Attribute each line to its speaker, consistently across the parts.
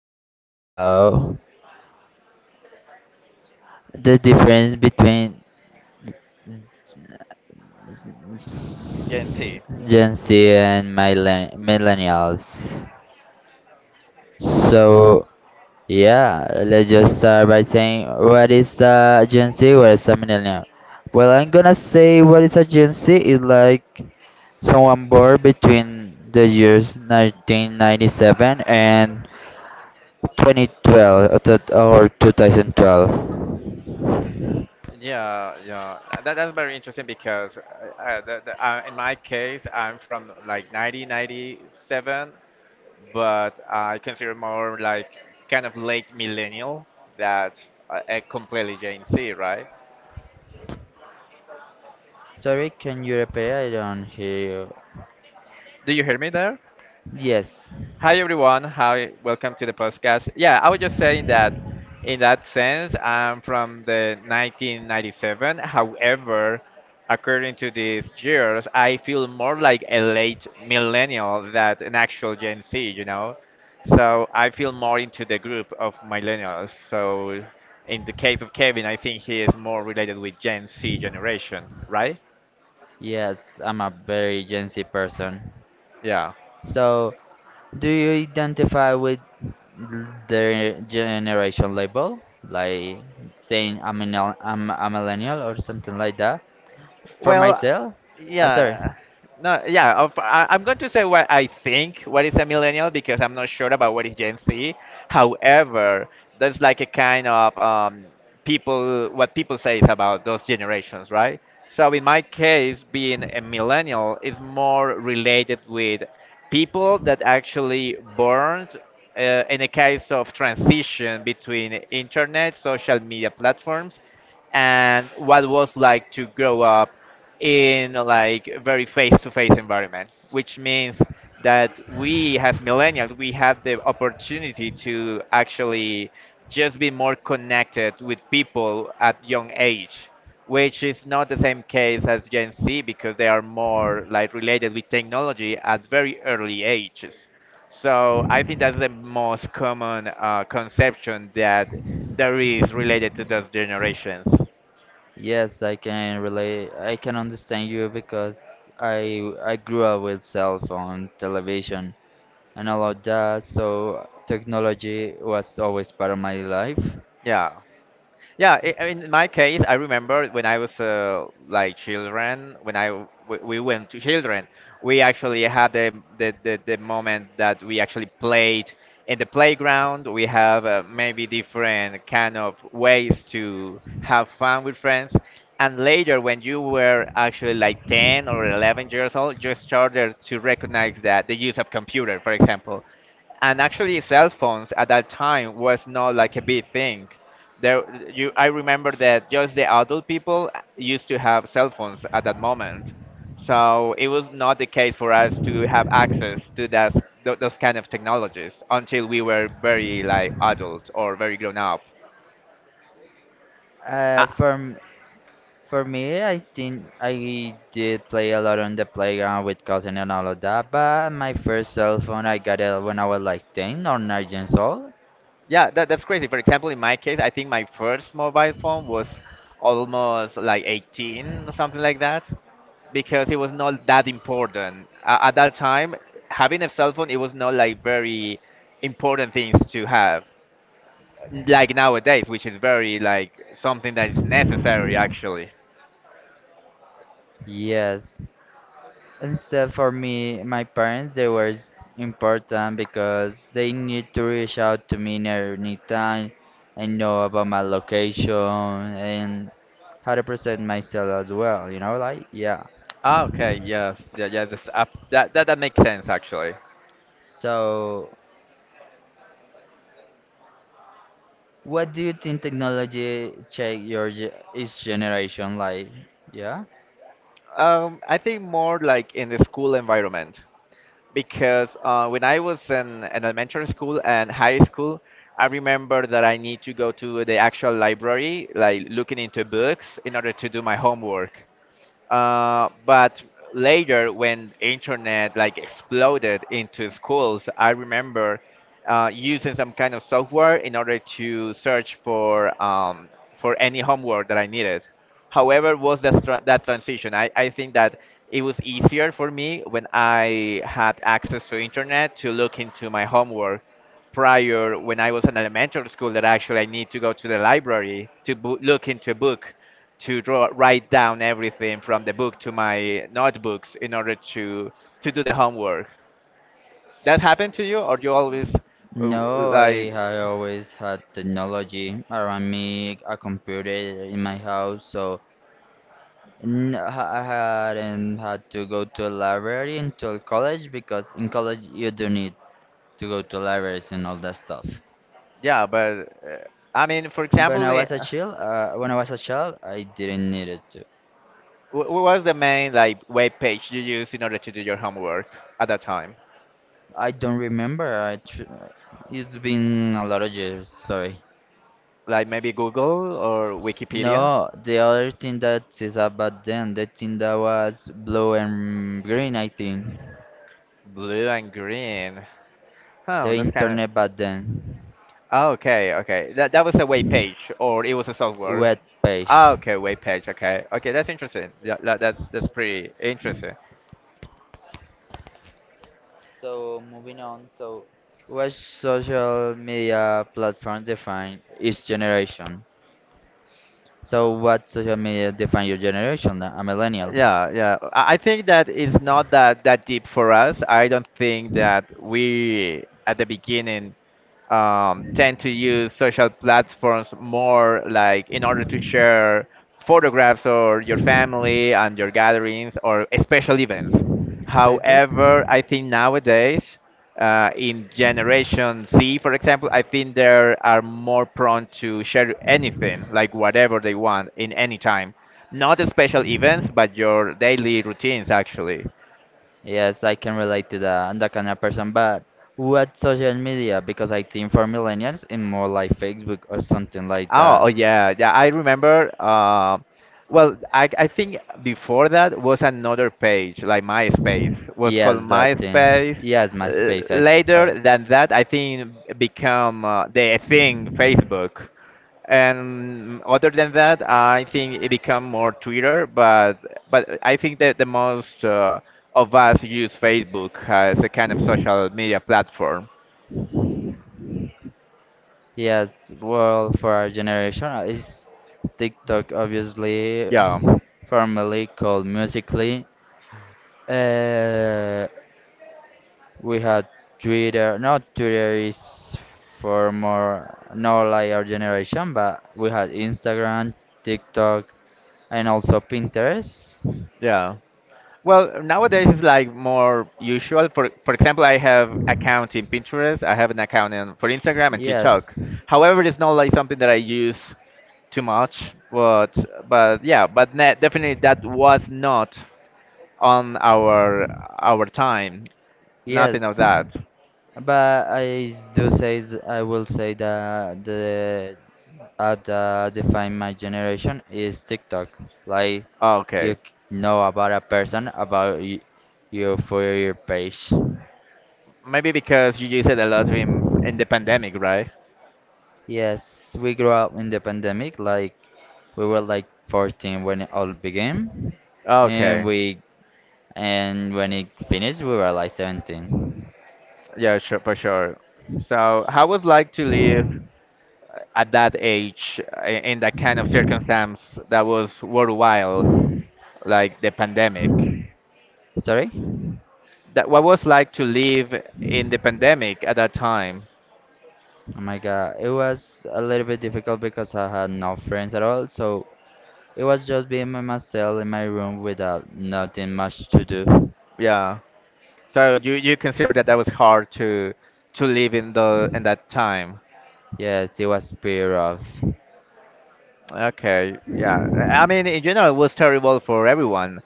Speaker 1: gonna talk about the difference between
Speaker 2: Gen Z.
Speaker 1: Gen Z and millennials. So yeah, let's just start by saying what is a Gen Z, what is a millennial. Well, I'm gonna say what is a Gen Z is like someone born between the years 1997 and 2012 or 2012.
Speaker 2: Yeah, yeah. That's very interesting because in my case, I'm from like 1997, but I consider more like kind of late millennial that a completely Gen Z, right?
Speaker 1: Sorry, can you repeat? I don't hear you.
Speaker 2: Do you hear me there?
Speaker 1: Yes,
Speaker 2: Hi everyone. Hi, welcome to the podcast. Yeah, I was just saying that in that sense, I'm from the 1997. However, according to these years, I feel more like a late millennial than an actual Gen Z, you know? So I feel more into the group of millennials. So in the case of Kevin, I think he is more related with Gen Z generation, right?
Speaker 1: yes, I'm a very Gen Z person.
Speaker 2: Yeah.
Speaker 1: So, do you identify with the generation label? Like saying I'm a millennial or something like that? For
Speaker 2: Well,
Speaker 1: myself? Sorry.
Speaker 2: yeah, no, yeah. I'm going to say what I think. What is a millennial because I'm not sure about what is Gen Z. However, there's like a kind of people what people say is about those generations, right? So in my case, being a millennial is more related with people that actually born in a case of transition between internet, social media platforms and what was like to grow up in like a very face-to-face environment, which means that we as millennials we have the opportunity to actually just be more connected with people at young age, which is not the same case as Gen Z because they are more like related with technology at very early ages. So I think that's the most common conception that there is related to those generations.
Speaker 1: Yes, I can relate. I can understand you because I grew up with cell phone, television, and all of that. So technology was always part of my life.
Speaker 2: Yeah. Yeah, I mean, in my case, I remember when I was like children, when I we went to children, we actually had the moment that we actually played in the playground. We have maybe different kind of ways to have fun with friends. And later, when you were actually like 10 or 11 years old, you started to recognize that the use of computer, for example, and actually cell phones at that time was not like a big thing there. You i remember that just the adult people used to have cell phones at that moment, so it was not the case for us to have access to that, those kind of technologies until we were very like adult or very grown up. uh,
Speaker 1: Uh, for m- for me, I think I did play a lot on the playground with cousin and all of that. But my first cell phone, I got it when I was like 10 or 9 years old.
Speaker 2: yeah, that's crazy. For example, in my case, I think my first mobile phone was almost like 18 or something like that because it was not that important at that time. Having a cell phone, it was not like very important things to have, like nowadays, which is very like something that is necessary actually.
Speaker 1: Yes, instead, for me, my parents, they were important because they need to reach out to me in any time and know about my location and how to present myself as well, like, yeah.
Speaker 2: Ah, okay, yes, yeah, yeah. That that makes sense actually.
Speaker 1: So, what do you think technology change your each generation like? Yeah?
Speaker 2: I think more like in the school environment because when I was in elementary school and high school, I remember that I need to go to the actual library, like looking into books in order to do my homework. But later, when internet like exploded into schools, I remember using some kind of software in order to search for any homework that I needed. However, was that that transition? I think that it was easier for me when I had access to internet to look into my homework, prior when I was in elementary school that actually I need to go to the library to look into a book, to draw, write down everything from the book to my notebooks in order to do the homework. That happened to you, or you always uh,
Speaker 1: No,
Speaker 2: like
Speaker 1: I always had technology around me, a computer in my house, so I hadn't had to go to a library until college because in college you do need to go to libraries and all that stuff.
Speaker 2: yeah? But I mean, for
Speaker 1: When
Speaker 2: example,
Speaker 1: I was a child, I didn't need it to.
Speaker 2: what was the main like web page you used in order to do your homework at that time?
Speaker 1: I don't remember. It's been a lot of years. Sorry.
Speaker 2: Like maybe Google or Wikipedia?
Speaker 1: No, the other thing that is about then, the thing that was blue and green, I think.
Speaker 2: Blue and green. Huh,
Speaker 1: The
Speaker 2: that's kind of…
Speaker 1: internet back then,
Speaker 2: Ah, okay, okay. That that was a web page or it was a software.
Speaker 1: web page.
Speaker 2: Ah, okay, web page. Okay, okay. That's interesting. Yeah, that's that's pretty interesting.
Speaker 1: So moving on. So what social media platforms define each generation? So what social media define your generation? A millennial.
Speaker 2: Yeah, yeah. I think that it's not that deep for us. I don't think that we at the beginning tend to use social platforms more like in order to share photographs or your family and your gatherings or special events.
Speaker 1: Facebook.
Speaker 2: However, I think nowadays, in Generation Z, for example, I think they are more prone to share anything, like whatever they want, in any time. Not special events, but your daily routines actually.
Speaker 1: Yes, I can relate to that. I'm that kind of person. But what social media? Because I think for millennials, it's more like Facebook or something like
Speaker 2: Oh, oh
Speaker 1: that.
Speaker 2: yeah, yeah. I remember. Well, I think before that was another page like MySpace. Was called
Speaker 1: Yes, that thing.
Speaker 2: MySpace.
Speaker 1: Yes, MySpace. I heard.
Speaker 2: Later than that, I think become the thing Facebook. And other than that, I think it become more Twitter. But I think that the most of us use Facebook as a kind of social media platform.
Speaker 1: Yes, well, for our generation, it's TikTok, obviously,
Speaker 2: Yeah.
Speaker 1: formerly called Musically, Uh, we had Twitter. Not Twitter is for more not like our generation, but we had Instagram, TikTok, and also Pinterest.
Speaker 2: Yeah. Well, nowadays it's like more usual. For example, I have account in Pinterest. I have an account in, for Instagram and TikTok.
Speaker 1: Yes,
Speaker 2: However, it's not like something that I use too much. But yeah, but ne definitely that was not on our time. Nothing of
Speaker 1: yes.
Speaker 2: that.
Speaker 1: But I s- do say th- I will say that the at define my generation is TikTok. Like you
Speaker 2: Okay.
Speaker 1: know about a person about you for your page.
Speaker 2: Maybe because you use it a lot in the pandemic, right?
Speaker 1: Yes, we grew up in the pandemic. Like we were like 14 when it all began, and
Speaker 2: Okay.
Speaker 1: we and when it finished, we were like 17.
Speaker 2: Yeah, sure, for sure. So, how was like to live at that age in that kind of circumstance that was worthwhile, like the pandemic.
Speaker 1: Sorry?
Speaker 2: That what was like to live in the pandemic at that time.
Speaker 1: Oh my God, it was a little bit difficult because I had no friends at all. So it was just being by myself in my room without nothing much to do.
Speaker 2: Yeah. So you consider that that was hard to live in the in that time.
Speaker 1: Yes, it was pretty rough.
Speaker 2: Okay, yeah. I mean, in general, it was terrible for everyone.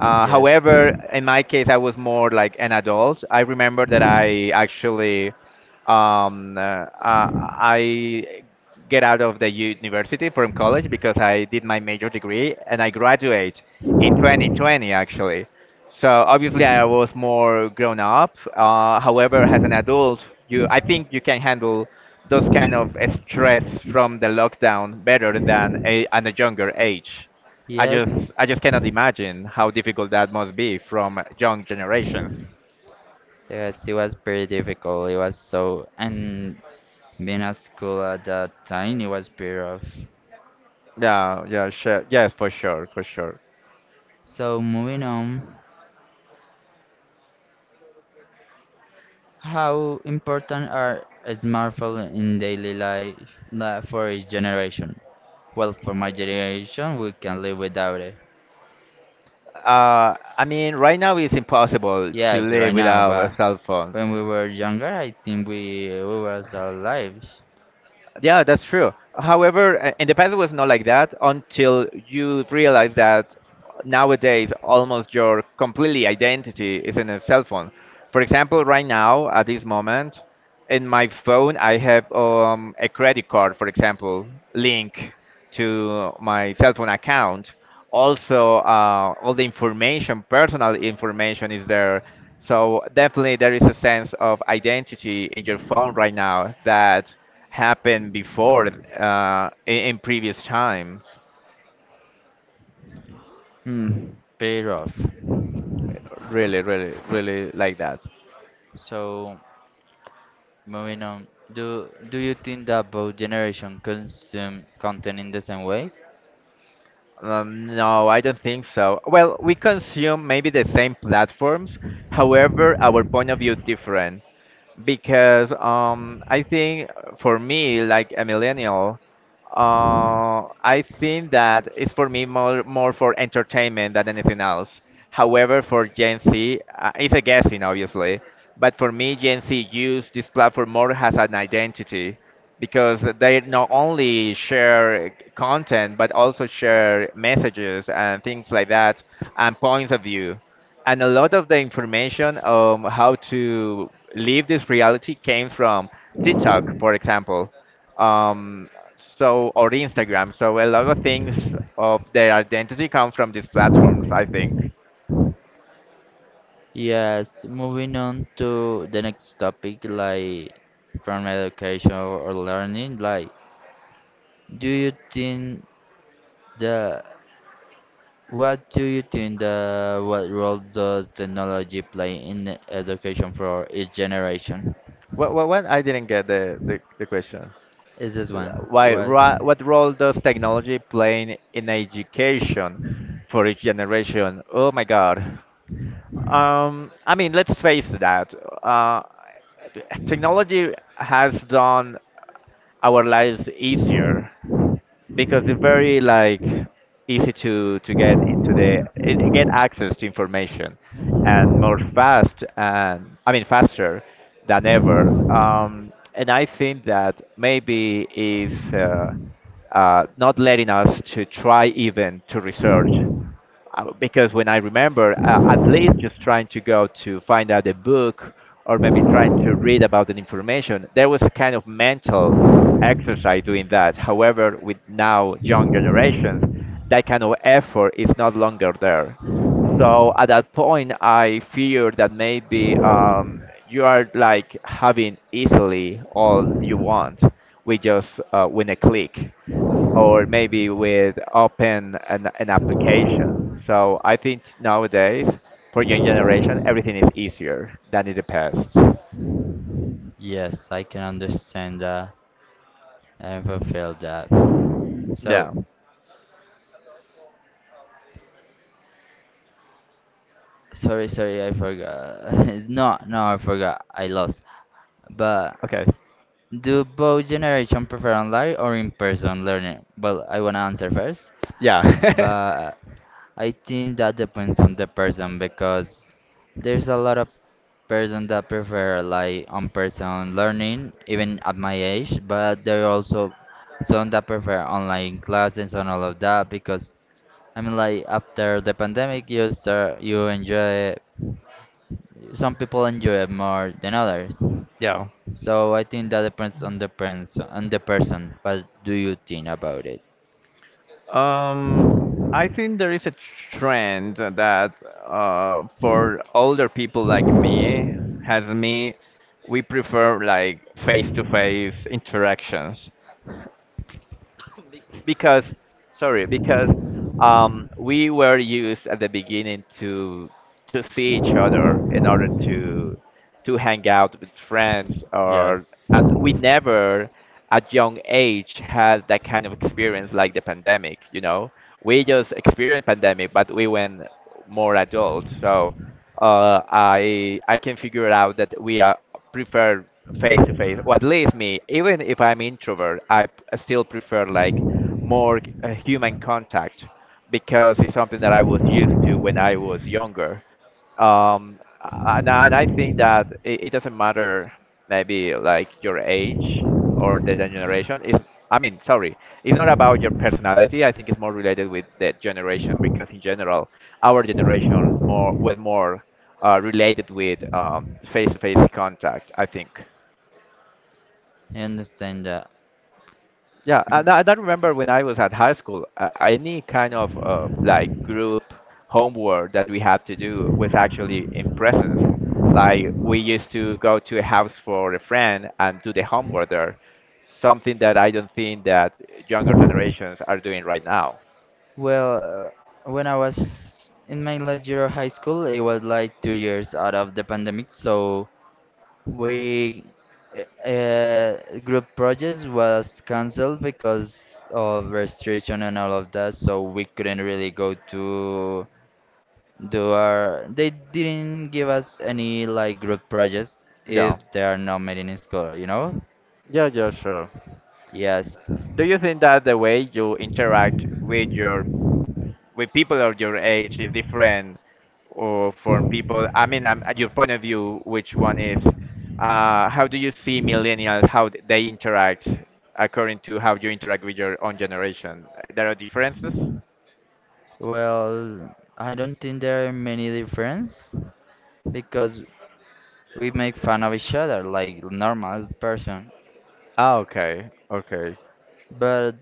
Speaker 1: Yes.
Speaker 2: However, in my case, I was more like an adult. I remember that I actually, um, uh, uh, I get out of the university from college because I did my major degree and I graduate in 2020 actually. So obviously, I was more grown up. However, as an adult, I think you can handle those kind of stress from the lockdown better than at a younger age.
Speaker 1: Yes.
Speaker 2: I just cannot imagine how difficult that must be from young generations.
Speaker 1: Yes, it was pretty difficult. It was so, and being at school at that time, it was pretty rough.
Speaker 2: Yeah, yeah, sure. Yes, for sure, for sure.
Speaker 1: So moving on, how important are smartphones in daily life for each generation? Well, for my generation, we can live without it.
Speaker 2: I mean, right now it's impossible to
Speaker 1: Yes, right
Speaker 2: live
Speaker 1: now,
Speaker 2: without a
Speaker 1: but
Speaker 2: cell phone.
Speaker 1: when we were younger, I think we was our lives.
Speaker 2: Yeah, that's true. However, in the past it was not like that until you realize that nowadays almost your completely identity is in a cell phone. For example, right now at this moment, in my phone I have a credit card, for example, link to my cell phone account. Also, all the information, personal information, is there. So definitely, there is a sense of identity in your phone right now that happened before in previous time.
Speaker 1: Hmm, pretty rough.
Speaker 2: Really, really, really like that.
Speaker 1: So. Moving on, do you think that both generation consume content in the same way?
Speaker 2: No, I don't think so. Well, we consume maybe the same platforms, however, our point of view is different because I think for me, like a millennial, I think that it's for me more more for entertainment than anything else. However, for Gen Z, it's a guessing obviously, but for me, Gen Z use this platform more as an identity because they not only share content but also share messages and things like that and points of view and a lot of the information on how to leave this reality came from TikTok, for example, um, so or Instagram. So a lot of things of their identity come from these platforms, I think.
Speaker 1: Yes, moving on to the next topic, like from education or learning, like do you think the what do you think the what role does technology play in the education for each generation?
Speaker 2: What, what? I didn't get the question.
Speaker 1: Is this
Speaker 2: L-
Speaker 1: one?
Speaker 2: Why,
Speaker 1: What?
Speaker 2: ro- what role does technology play in education for each generation? Oh my God. I mean, let's face that. Uh, Technology has done our lives easier because it's very like easy to get into the get access to information and more fast and I mean faster than ever. And I think that maybe is not letting us to try even to research because when I remember, at least just trying to go to find out a book or maybe trying to read about the information, there was a kind of mental exercise doing that. However, with now young generations, that kind of effort is not longer there. So at that point, I fear that maybe you are like having easily all you want with just with a click or maybe with open an application. So I think nowadays for young generation everything is easier than in the past.
Speaker 1: Yes, I can understand that and fulfill that. So.
Speaker 2: Yeah.
Speaker 1: Sorry, sorry, I forgot. no, no, I forgot. I lost. But
Speaker 2: Okay.
Speaker 1: do both generation prefer online or in-person learning? Well, I wanna answer first,
Speaker 2: Yeah.
Speaker 1: but I think that depends on the person because there's a lot of person that prefer like on-person learning, even at my age, but there are also some that prefer online classes and all of that because I mean like after the pandemic you start you enjoy. Some people enjoy it more than others.
Speaker 2: yeah.
Speaker 1: So I think that depends on the person. What do you think about it?
Speaker 2: Um, I think there is a trend that for older people like me, has me, we prefer like face-to-face interactions. because because we were used at the beginning to see each other in order to hang out with friends. Or
Speaker 1: Yes.
Speaker 2: and We never at young age had that kind of experience like the pandemic. We just experienced pandemic, but we went more adult. So I can figure out that we are prefer face to face, or at least me. Even if I'm introvert, still prefer like human contact, because it's something that I was used to when I was younger. And I think that it doesn't matter maybe like your age or the generation. I mean, sorry, it's not about your personality. I think it's more related with the generation, because in general, our generation more with more related with face-to-face contact, I think.
Speaker 1: I understand that.
Speaker 2: Yeah, and I don't remember when I was at high school, any kind of like group homework that we had to do was actually in presence. Like we used to go to a house for a friend and do the homework there, something that I don't think that younger generations are doing right now.
Speaker 1: Well, when I was in my last year of high school, it was like 2 years out of the pandemic, so we group projects was cancelled because of restriction and all of that, so we couldn't really go to. They didn't give us any like group projects if
Speaker 2: Yeah,
Speaker 1: they are not made in school, you know?
Speaker 2: yeah, yeah,
Speaker 1: S-
Speaker 2: sure.
Speaker 1: Yes.
Speaker 2: Do you think that the way you interact with your with people of your age is different? Or from people, I mean, at your point of view, which one is, how do you see millennials, how they interact according to how you interact with your own generation? There are differences.
Speaker 1: Well, I don't think there are many difference because we make fun of each other like normal person.
Speaker 2: Ah, okay, okay.
Speaker 1: But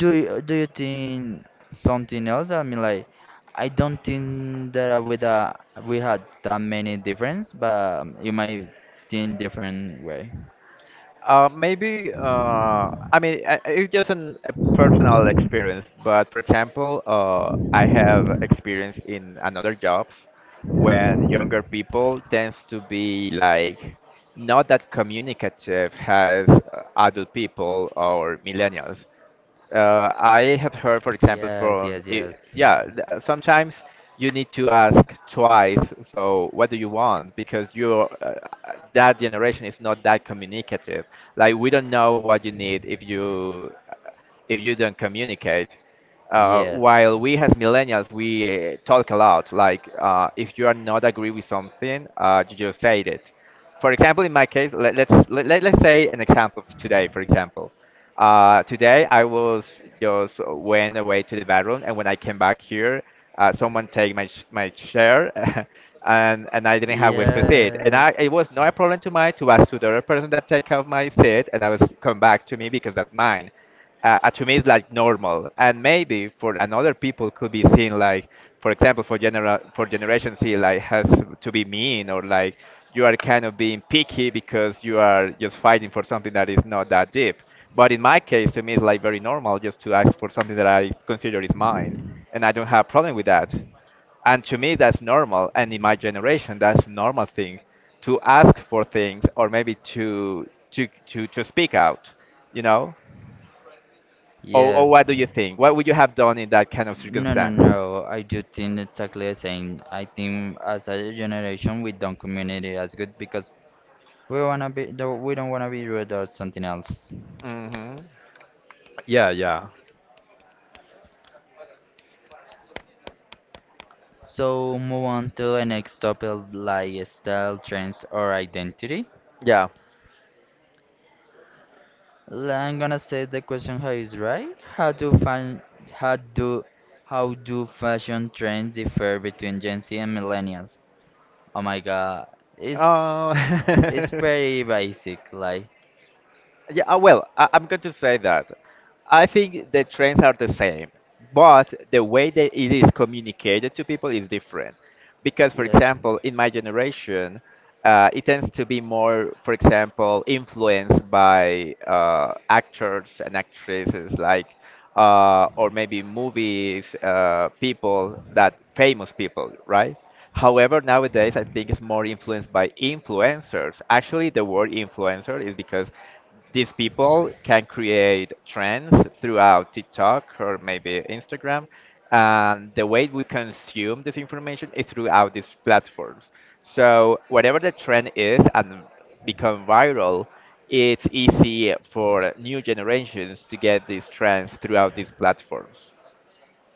Speaker 1: do you think something else? I mean, like I don't think that with a we had that many difference, but you might think different way.
Speaker 2: Maybe, I mean, it's just an, a personal experience. But for example, I have experience in another jobs when younger people tends to be like not that communicative as adult people or millennials. I have heard, for example,
Speaker 1: Yes, yes, yes.
Speaker 2: yeah, sometimes you need to ask twice. So what do you want? Because your that generation is not that communicative. Like we don't know what you need if you don't communicate.
Speaker 1: Yes.
Speaker 2: While we as millennials, we talk a lot. Like if you are not agree with something, you just say it. For example, in my case, let's say an example of today. For example, today I was just went away to the bathroom, and when I came back here, someone take my chair, and I didn't have where to sit. And
Speaker 1: Yes.
Speaker 2: I it was not a problem to mine to ask to the other person that take out my seat, and I was come back to me because that's mine. To me it's like normal, and maybe for another people could be seen like, for example, for generation z, like has to be mean, or like you are kind of being picky because you are just fighting for something that is not that deep. But in my case, to me it's like very normal just to ask for something that I consider is mine, and I don't have problem with that. And to me that's normal, and in my generation that's normal thing to ask for things, or maybe to speak out, you know? Or
Speaker 1: Yes.
Speaker 2: what do you think? What would you have done in that kind of
Speaker 1: No, no,
Speaker 2: circumstance?
Speaker 1: no. I do think exactly the same. I think as a generation, we don't communicate as good because we don't wanna be rude or something else.
Speaker 2: Hmm. Yeah, yeah,
Speaker 1: So move on to the next topic, like style, trends, or identity.
Speaker 2: yeah.
Speaker 1: I'm gonna say the question how is right. How do find how do how do fashion trends differ between Gen Z and millennials? Oh my God, it's It's
Speaker 2: Uh,
Speaker 1: pretty basic, like
Speaker 2: yeah. Well, I'm going to say that I think the trends are the same, but the way that it is communicated to people is different. Because for
Speaker 1: yes,
Speaker 2: example, in my generation, it tends to be more, for example, influenced by actors and actresses, like or maybe movies, people that famous people, right? However, nowadays I think it's more influenced by influencers. Actually, the word influencer is because these people can create trends throughout TikTok or maybe Instagram, and the way we consume this information is throughout these platforms. So whatever the trend is and become viral, it's easy for new generations to get these trends throughout these platforms.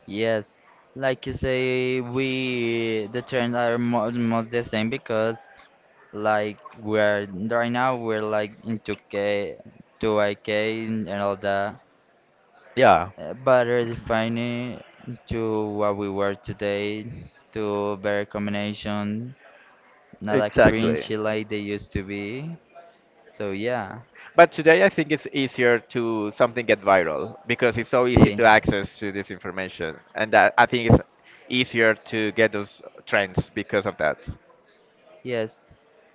Speaker 1: yes. Like you say, we the trends are mo most the same because like we're right now we're like into K, to IK and all that,
Speaker 2: Yeah,
Speaker 1: but redefining to what we were today to better combination, not a
Speaker 2: exactly.
Speaker 1: cringy like they used to be. So yeah,
Speaker 2: But today, I think it's easier to something get viral because it's so easy
Speaker 1: see.
Speaker 2: to access to this information, and that I think it's easier to get those trends because of that.
Speaker 1: Yes.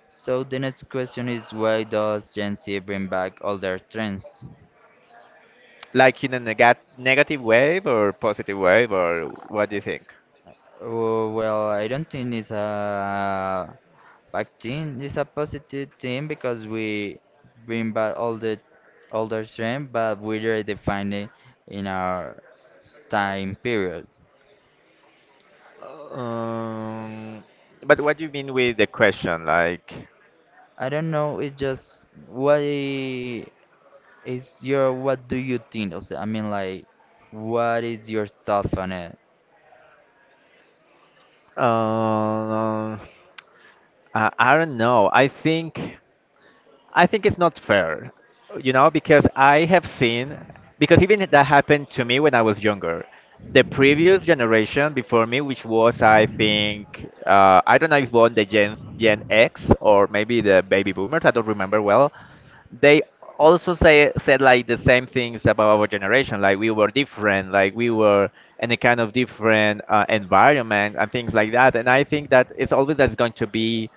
Speaker 1: So the next question is why does Gen Z bring back older trends?
Speaker 2: Like in a negative wave or positive wave, or what do you think?
Speaker 1: Oh, well, I don't think it's a bad thing. It's a positive thing because we bring back all the older trend, but we redefine it in our time period.
Speaker 2: Um, But what do you mean with the question? Like,
Speaker 1: I don't know. It's just what do you think? Also, I mean, like, what is your thought on it?
Speaker 2: uh, I don't know. I think. I think it's not fair, you know, because I have seen, because even that happened to me when I was younger. The previous generation before me, which was, I think, I don't know if one Gen X or maybe the baby boomers, I don't remember well, they also say said like the same things about our generation, like we were different, like we were in a kind of different environment and things like that. And I think that it's always that's going to be,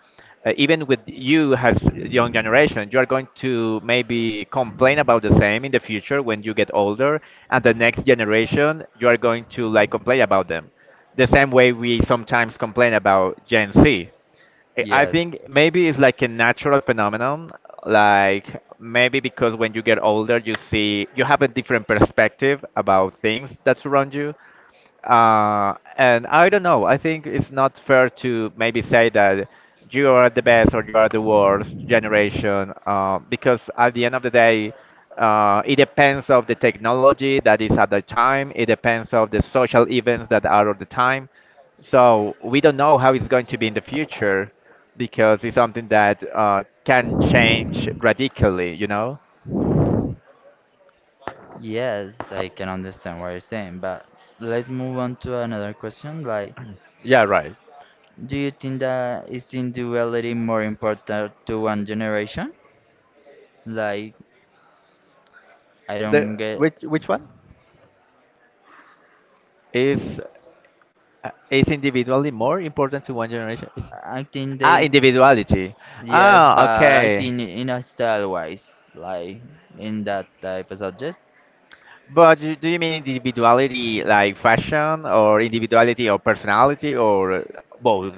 Speaker 2: even with you as young generation, you are going to maybe complain about the same in the future when you get older, and the next generation you are going to like complain about them the same way we sometimes complain about gen z. I
Speaker 1: Yes.
Speaker 2: think maybe it's like a natural phenomenon. Like maybe because when you get older, you see you have a different perspective about things that surround you, and I don't know. I think it's not fair to maybe say that you are the best or you are the worst generation, because at the end of the day, it depends of the technology that is at the time. It depends of the social events that are at the time. So we don't know how it's going to be in the future, because it's something that can change radically. You know?
Speaker 1: Yes, I can understand what you're saying, but let's move on to another question. Like,
Speaker 2: Yeah, right.
Speaker 1: do you think that is individuality more important to one generation? Like, I don't
Speaker 2: The
Speaker 1: get.
Speaker 2: which one is? Is individuality more important to one generation?
Speaker 1: I think
Speaker 2: Ah,
Speaker 1: they
Speaker 2: individuality.
Speaker 1: yes,
Speaker 2: Ah,
Speaker 1: but I
Speaker 2: okay.
Speaker 1: think in a style wise, like in that type of subject.
Speaker 2: But you- do you mean individuality like fashion, or individuality or personality, or both?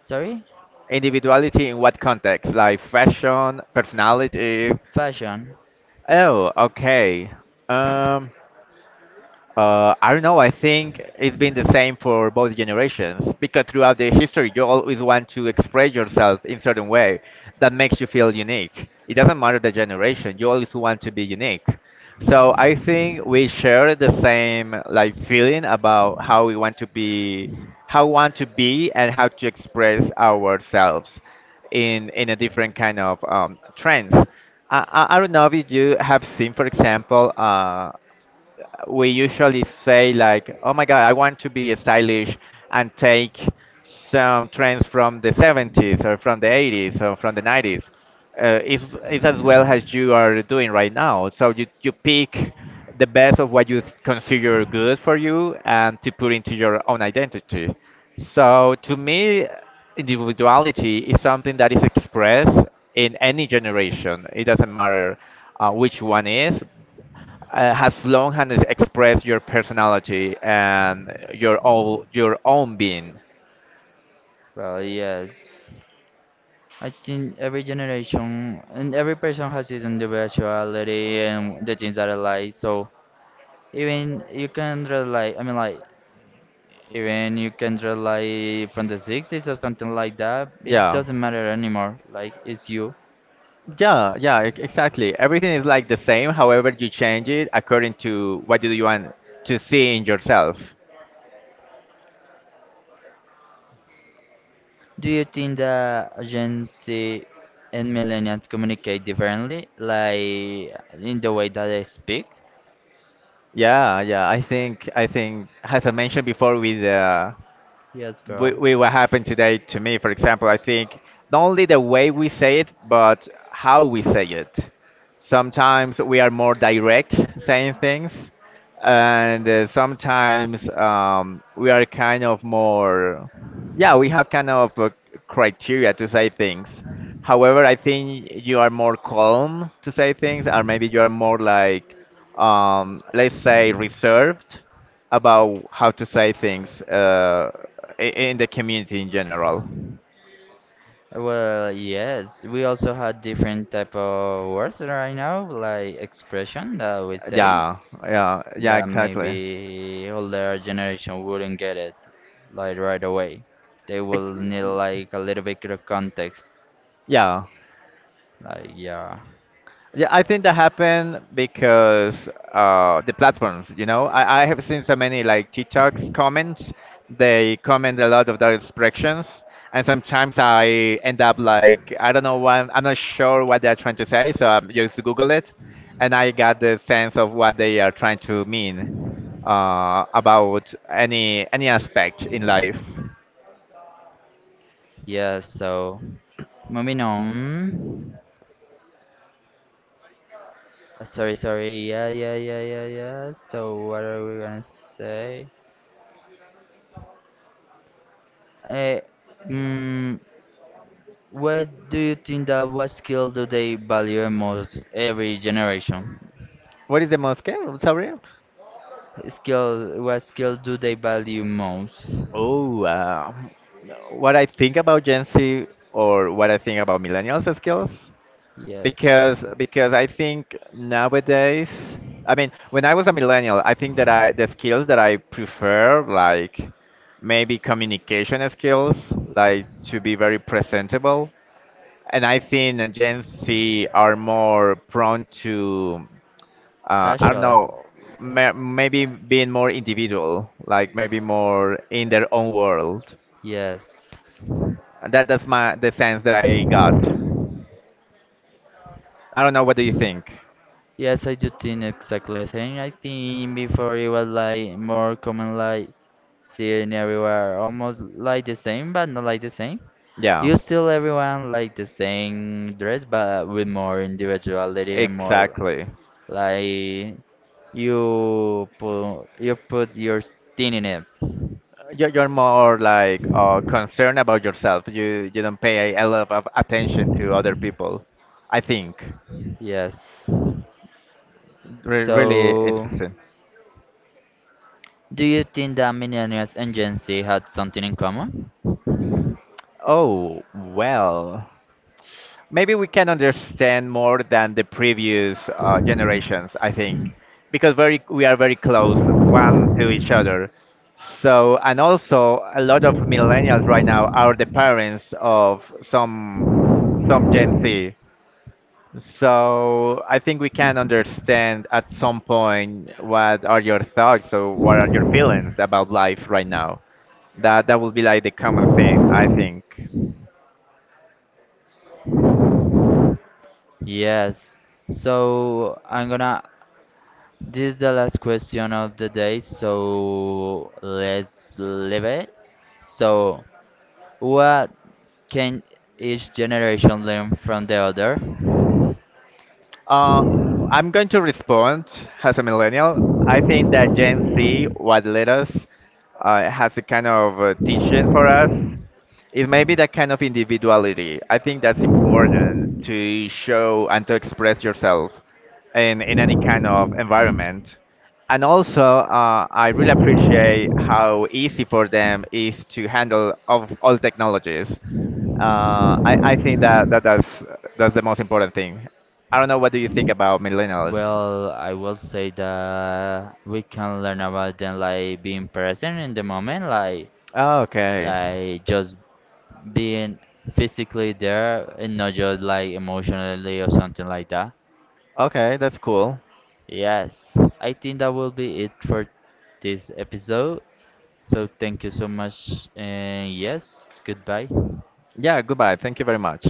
Speaker 1: Sorry,
Speaker 2: Individuality in what context? Like fashion, personality?
Speaker 1: fashion.
Speaker 2: Oh, okay. Um, I don't know. I think it's been the same for both generations because throughout the history, you always want to express yourself in certain way that makes you feel unique. It doesn't matter the generation. You always want to be unique. So I think we share the same like feeling about how we want to be, how we want to be, and how to express ourselves in a different kind of trends. I don't know if you have seen, for example. We usually say like, "Oh my God, I want to be stylish and take some trends from the 70s or from the 80s or from the 90s." Is as well as you are doing right now. So you pick the best of what you consider good for you and to put into your own identity. So to me, individuality is something that is expressed in any generation. It doesn't matter which one is, as long as it express your personality and your own being.
Speaker 1: Well, yes. I think every generation and every person has his individuality and the things that they like. So even you can rely. I mean, like, even you can rely from the 60s or something like that, it
Speaker 2: Yeah,
Speaker 1: doesn't matter anymore. Like, it's you.
Speaker 2: yeah, yeah, exactly. Everything is like the same. However, you change it according to what do you want to see in yourself.
Speaker 1: Do you think that Gen Z and millennials communicate differently? Like, in the way that they speak?
Speaker 2: Yeah, yeah. I think as I mentioned before with the
Speaker 1: Yes, girl.
Speaker 2: we what happened today to me, for example, I think not only the way we say it, but how we say it. Sometimes we are more direct saying things, and sometimes we are kind of more, yeah, we have kind of a criteria to say things. However, I think you are more calm to say things, or maybe you are more like, let's say, reserved about how to say things, in the community in general.
Speaker 1: Well, yes, we also have different type of words right now, like expression that we say
Speaker 2: Yeah, yeah, yeah,
Speaker 1: that
Speaker 2: exactly.
Speaker 1: maybe older generation wouldn't get it. Like right away. They will
Speaker 2: Ex-
Speaker 1: need like a little bit of context.
Speaker 2: Yeah,
Speaker 1: Like yeah,
Speaker 2: yeah. I think that happened because the platforms. You know, I have seen so many like TikToks comments. They comment a lot of those expressions, and sometimes I end up like I'm not sure what they're trying to say, so I just Google it, and I got the sense of what they are trying to mean. About any aspect in life.
Speaker 1: yeah. So moving on. Sorry, sorry. Yeah, yeah, yeah, yeah, yeah. So what are we gonna say? Eh, mm, what do you think that what skill do they value most every generation?
Speaker 2: What is the most scary? Sorry.
Speaker 1: Skill, what skill do they value most?
Speaker 2: Oh, what I think about Gen Z or what I think about millennials as skills?
Speaker 1: Yes.
Speaker 2: Because I think nowadays, I mean, when I was a millennial, I think that I the skills that I prefer like maybe communication skills, like to be very presentable. And I think Gen Z are more prone to, I don't
Speaker 1: Casual.
Speaker 2: know, ma maybe being more individual, like maybe more in their own world.
Speaker 1: Yes.
Speaker 2: And that's my the sense that I got. I don't know. What do you think?
Speaker 1: Yes, I do think exactly the same. I think before it was like more common, like seeing everywhere almost like the same, but not like the same.
Speaker 2: Yeah,
Speaker 1: You still everyone like the same dress, but with more individuality and more
Speaker 2: exactly.
Speaker 1: like you put your thing in it.
Speaker 2: You're more like concerned about yourself. You don't pay a lot of attention to other people. I think.
Speaker 1: Yes.
Speaker 2: Really
Speaker 1: So,
Speaker 2: interesting.
Speaker 1: do you think that millennials and Gen Z had something in common?
Speaker 2: Oh well. Maybe we can understand more than the previous generations, I think, because very we are very close one to each other. So and also a lot of millennials right now are the parents of some Gen Z. So I think we can understand at some point what are your thoughts or what are your feelings about life right now. That would be like the common thing, I think.
Speaker 1: Yes. So I'm gonna This is the last question of the day, so let's leave it. So, what can each generation learn from the other?
Speaker 2: Uh, I'm going to respond as a millennial. I think that Gen Z, what led us, has a kind of teaching for us. It may be that kind of individuality. I think that's important to show and to express yourself in any kind of environment. And also, I really appreciate how easy for them is to handle of all technologies. I think that, that's the most important thing. I don't know what do you think about millennials.
Speaker 1: Well, I will say that we can learn about them like being present in the moment, like
Speaker 2: Oh, okay.
Speaker 1: like just being physically there and not just like emotionally or something like that.
Speaker 2: Okay, that's cool.
Speaker 1: Yes, I think that will be it for this episode. So thank you so much. And yes, goodbye.
Speaker 2: Yeah, goodbye. Thank you very much.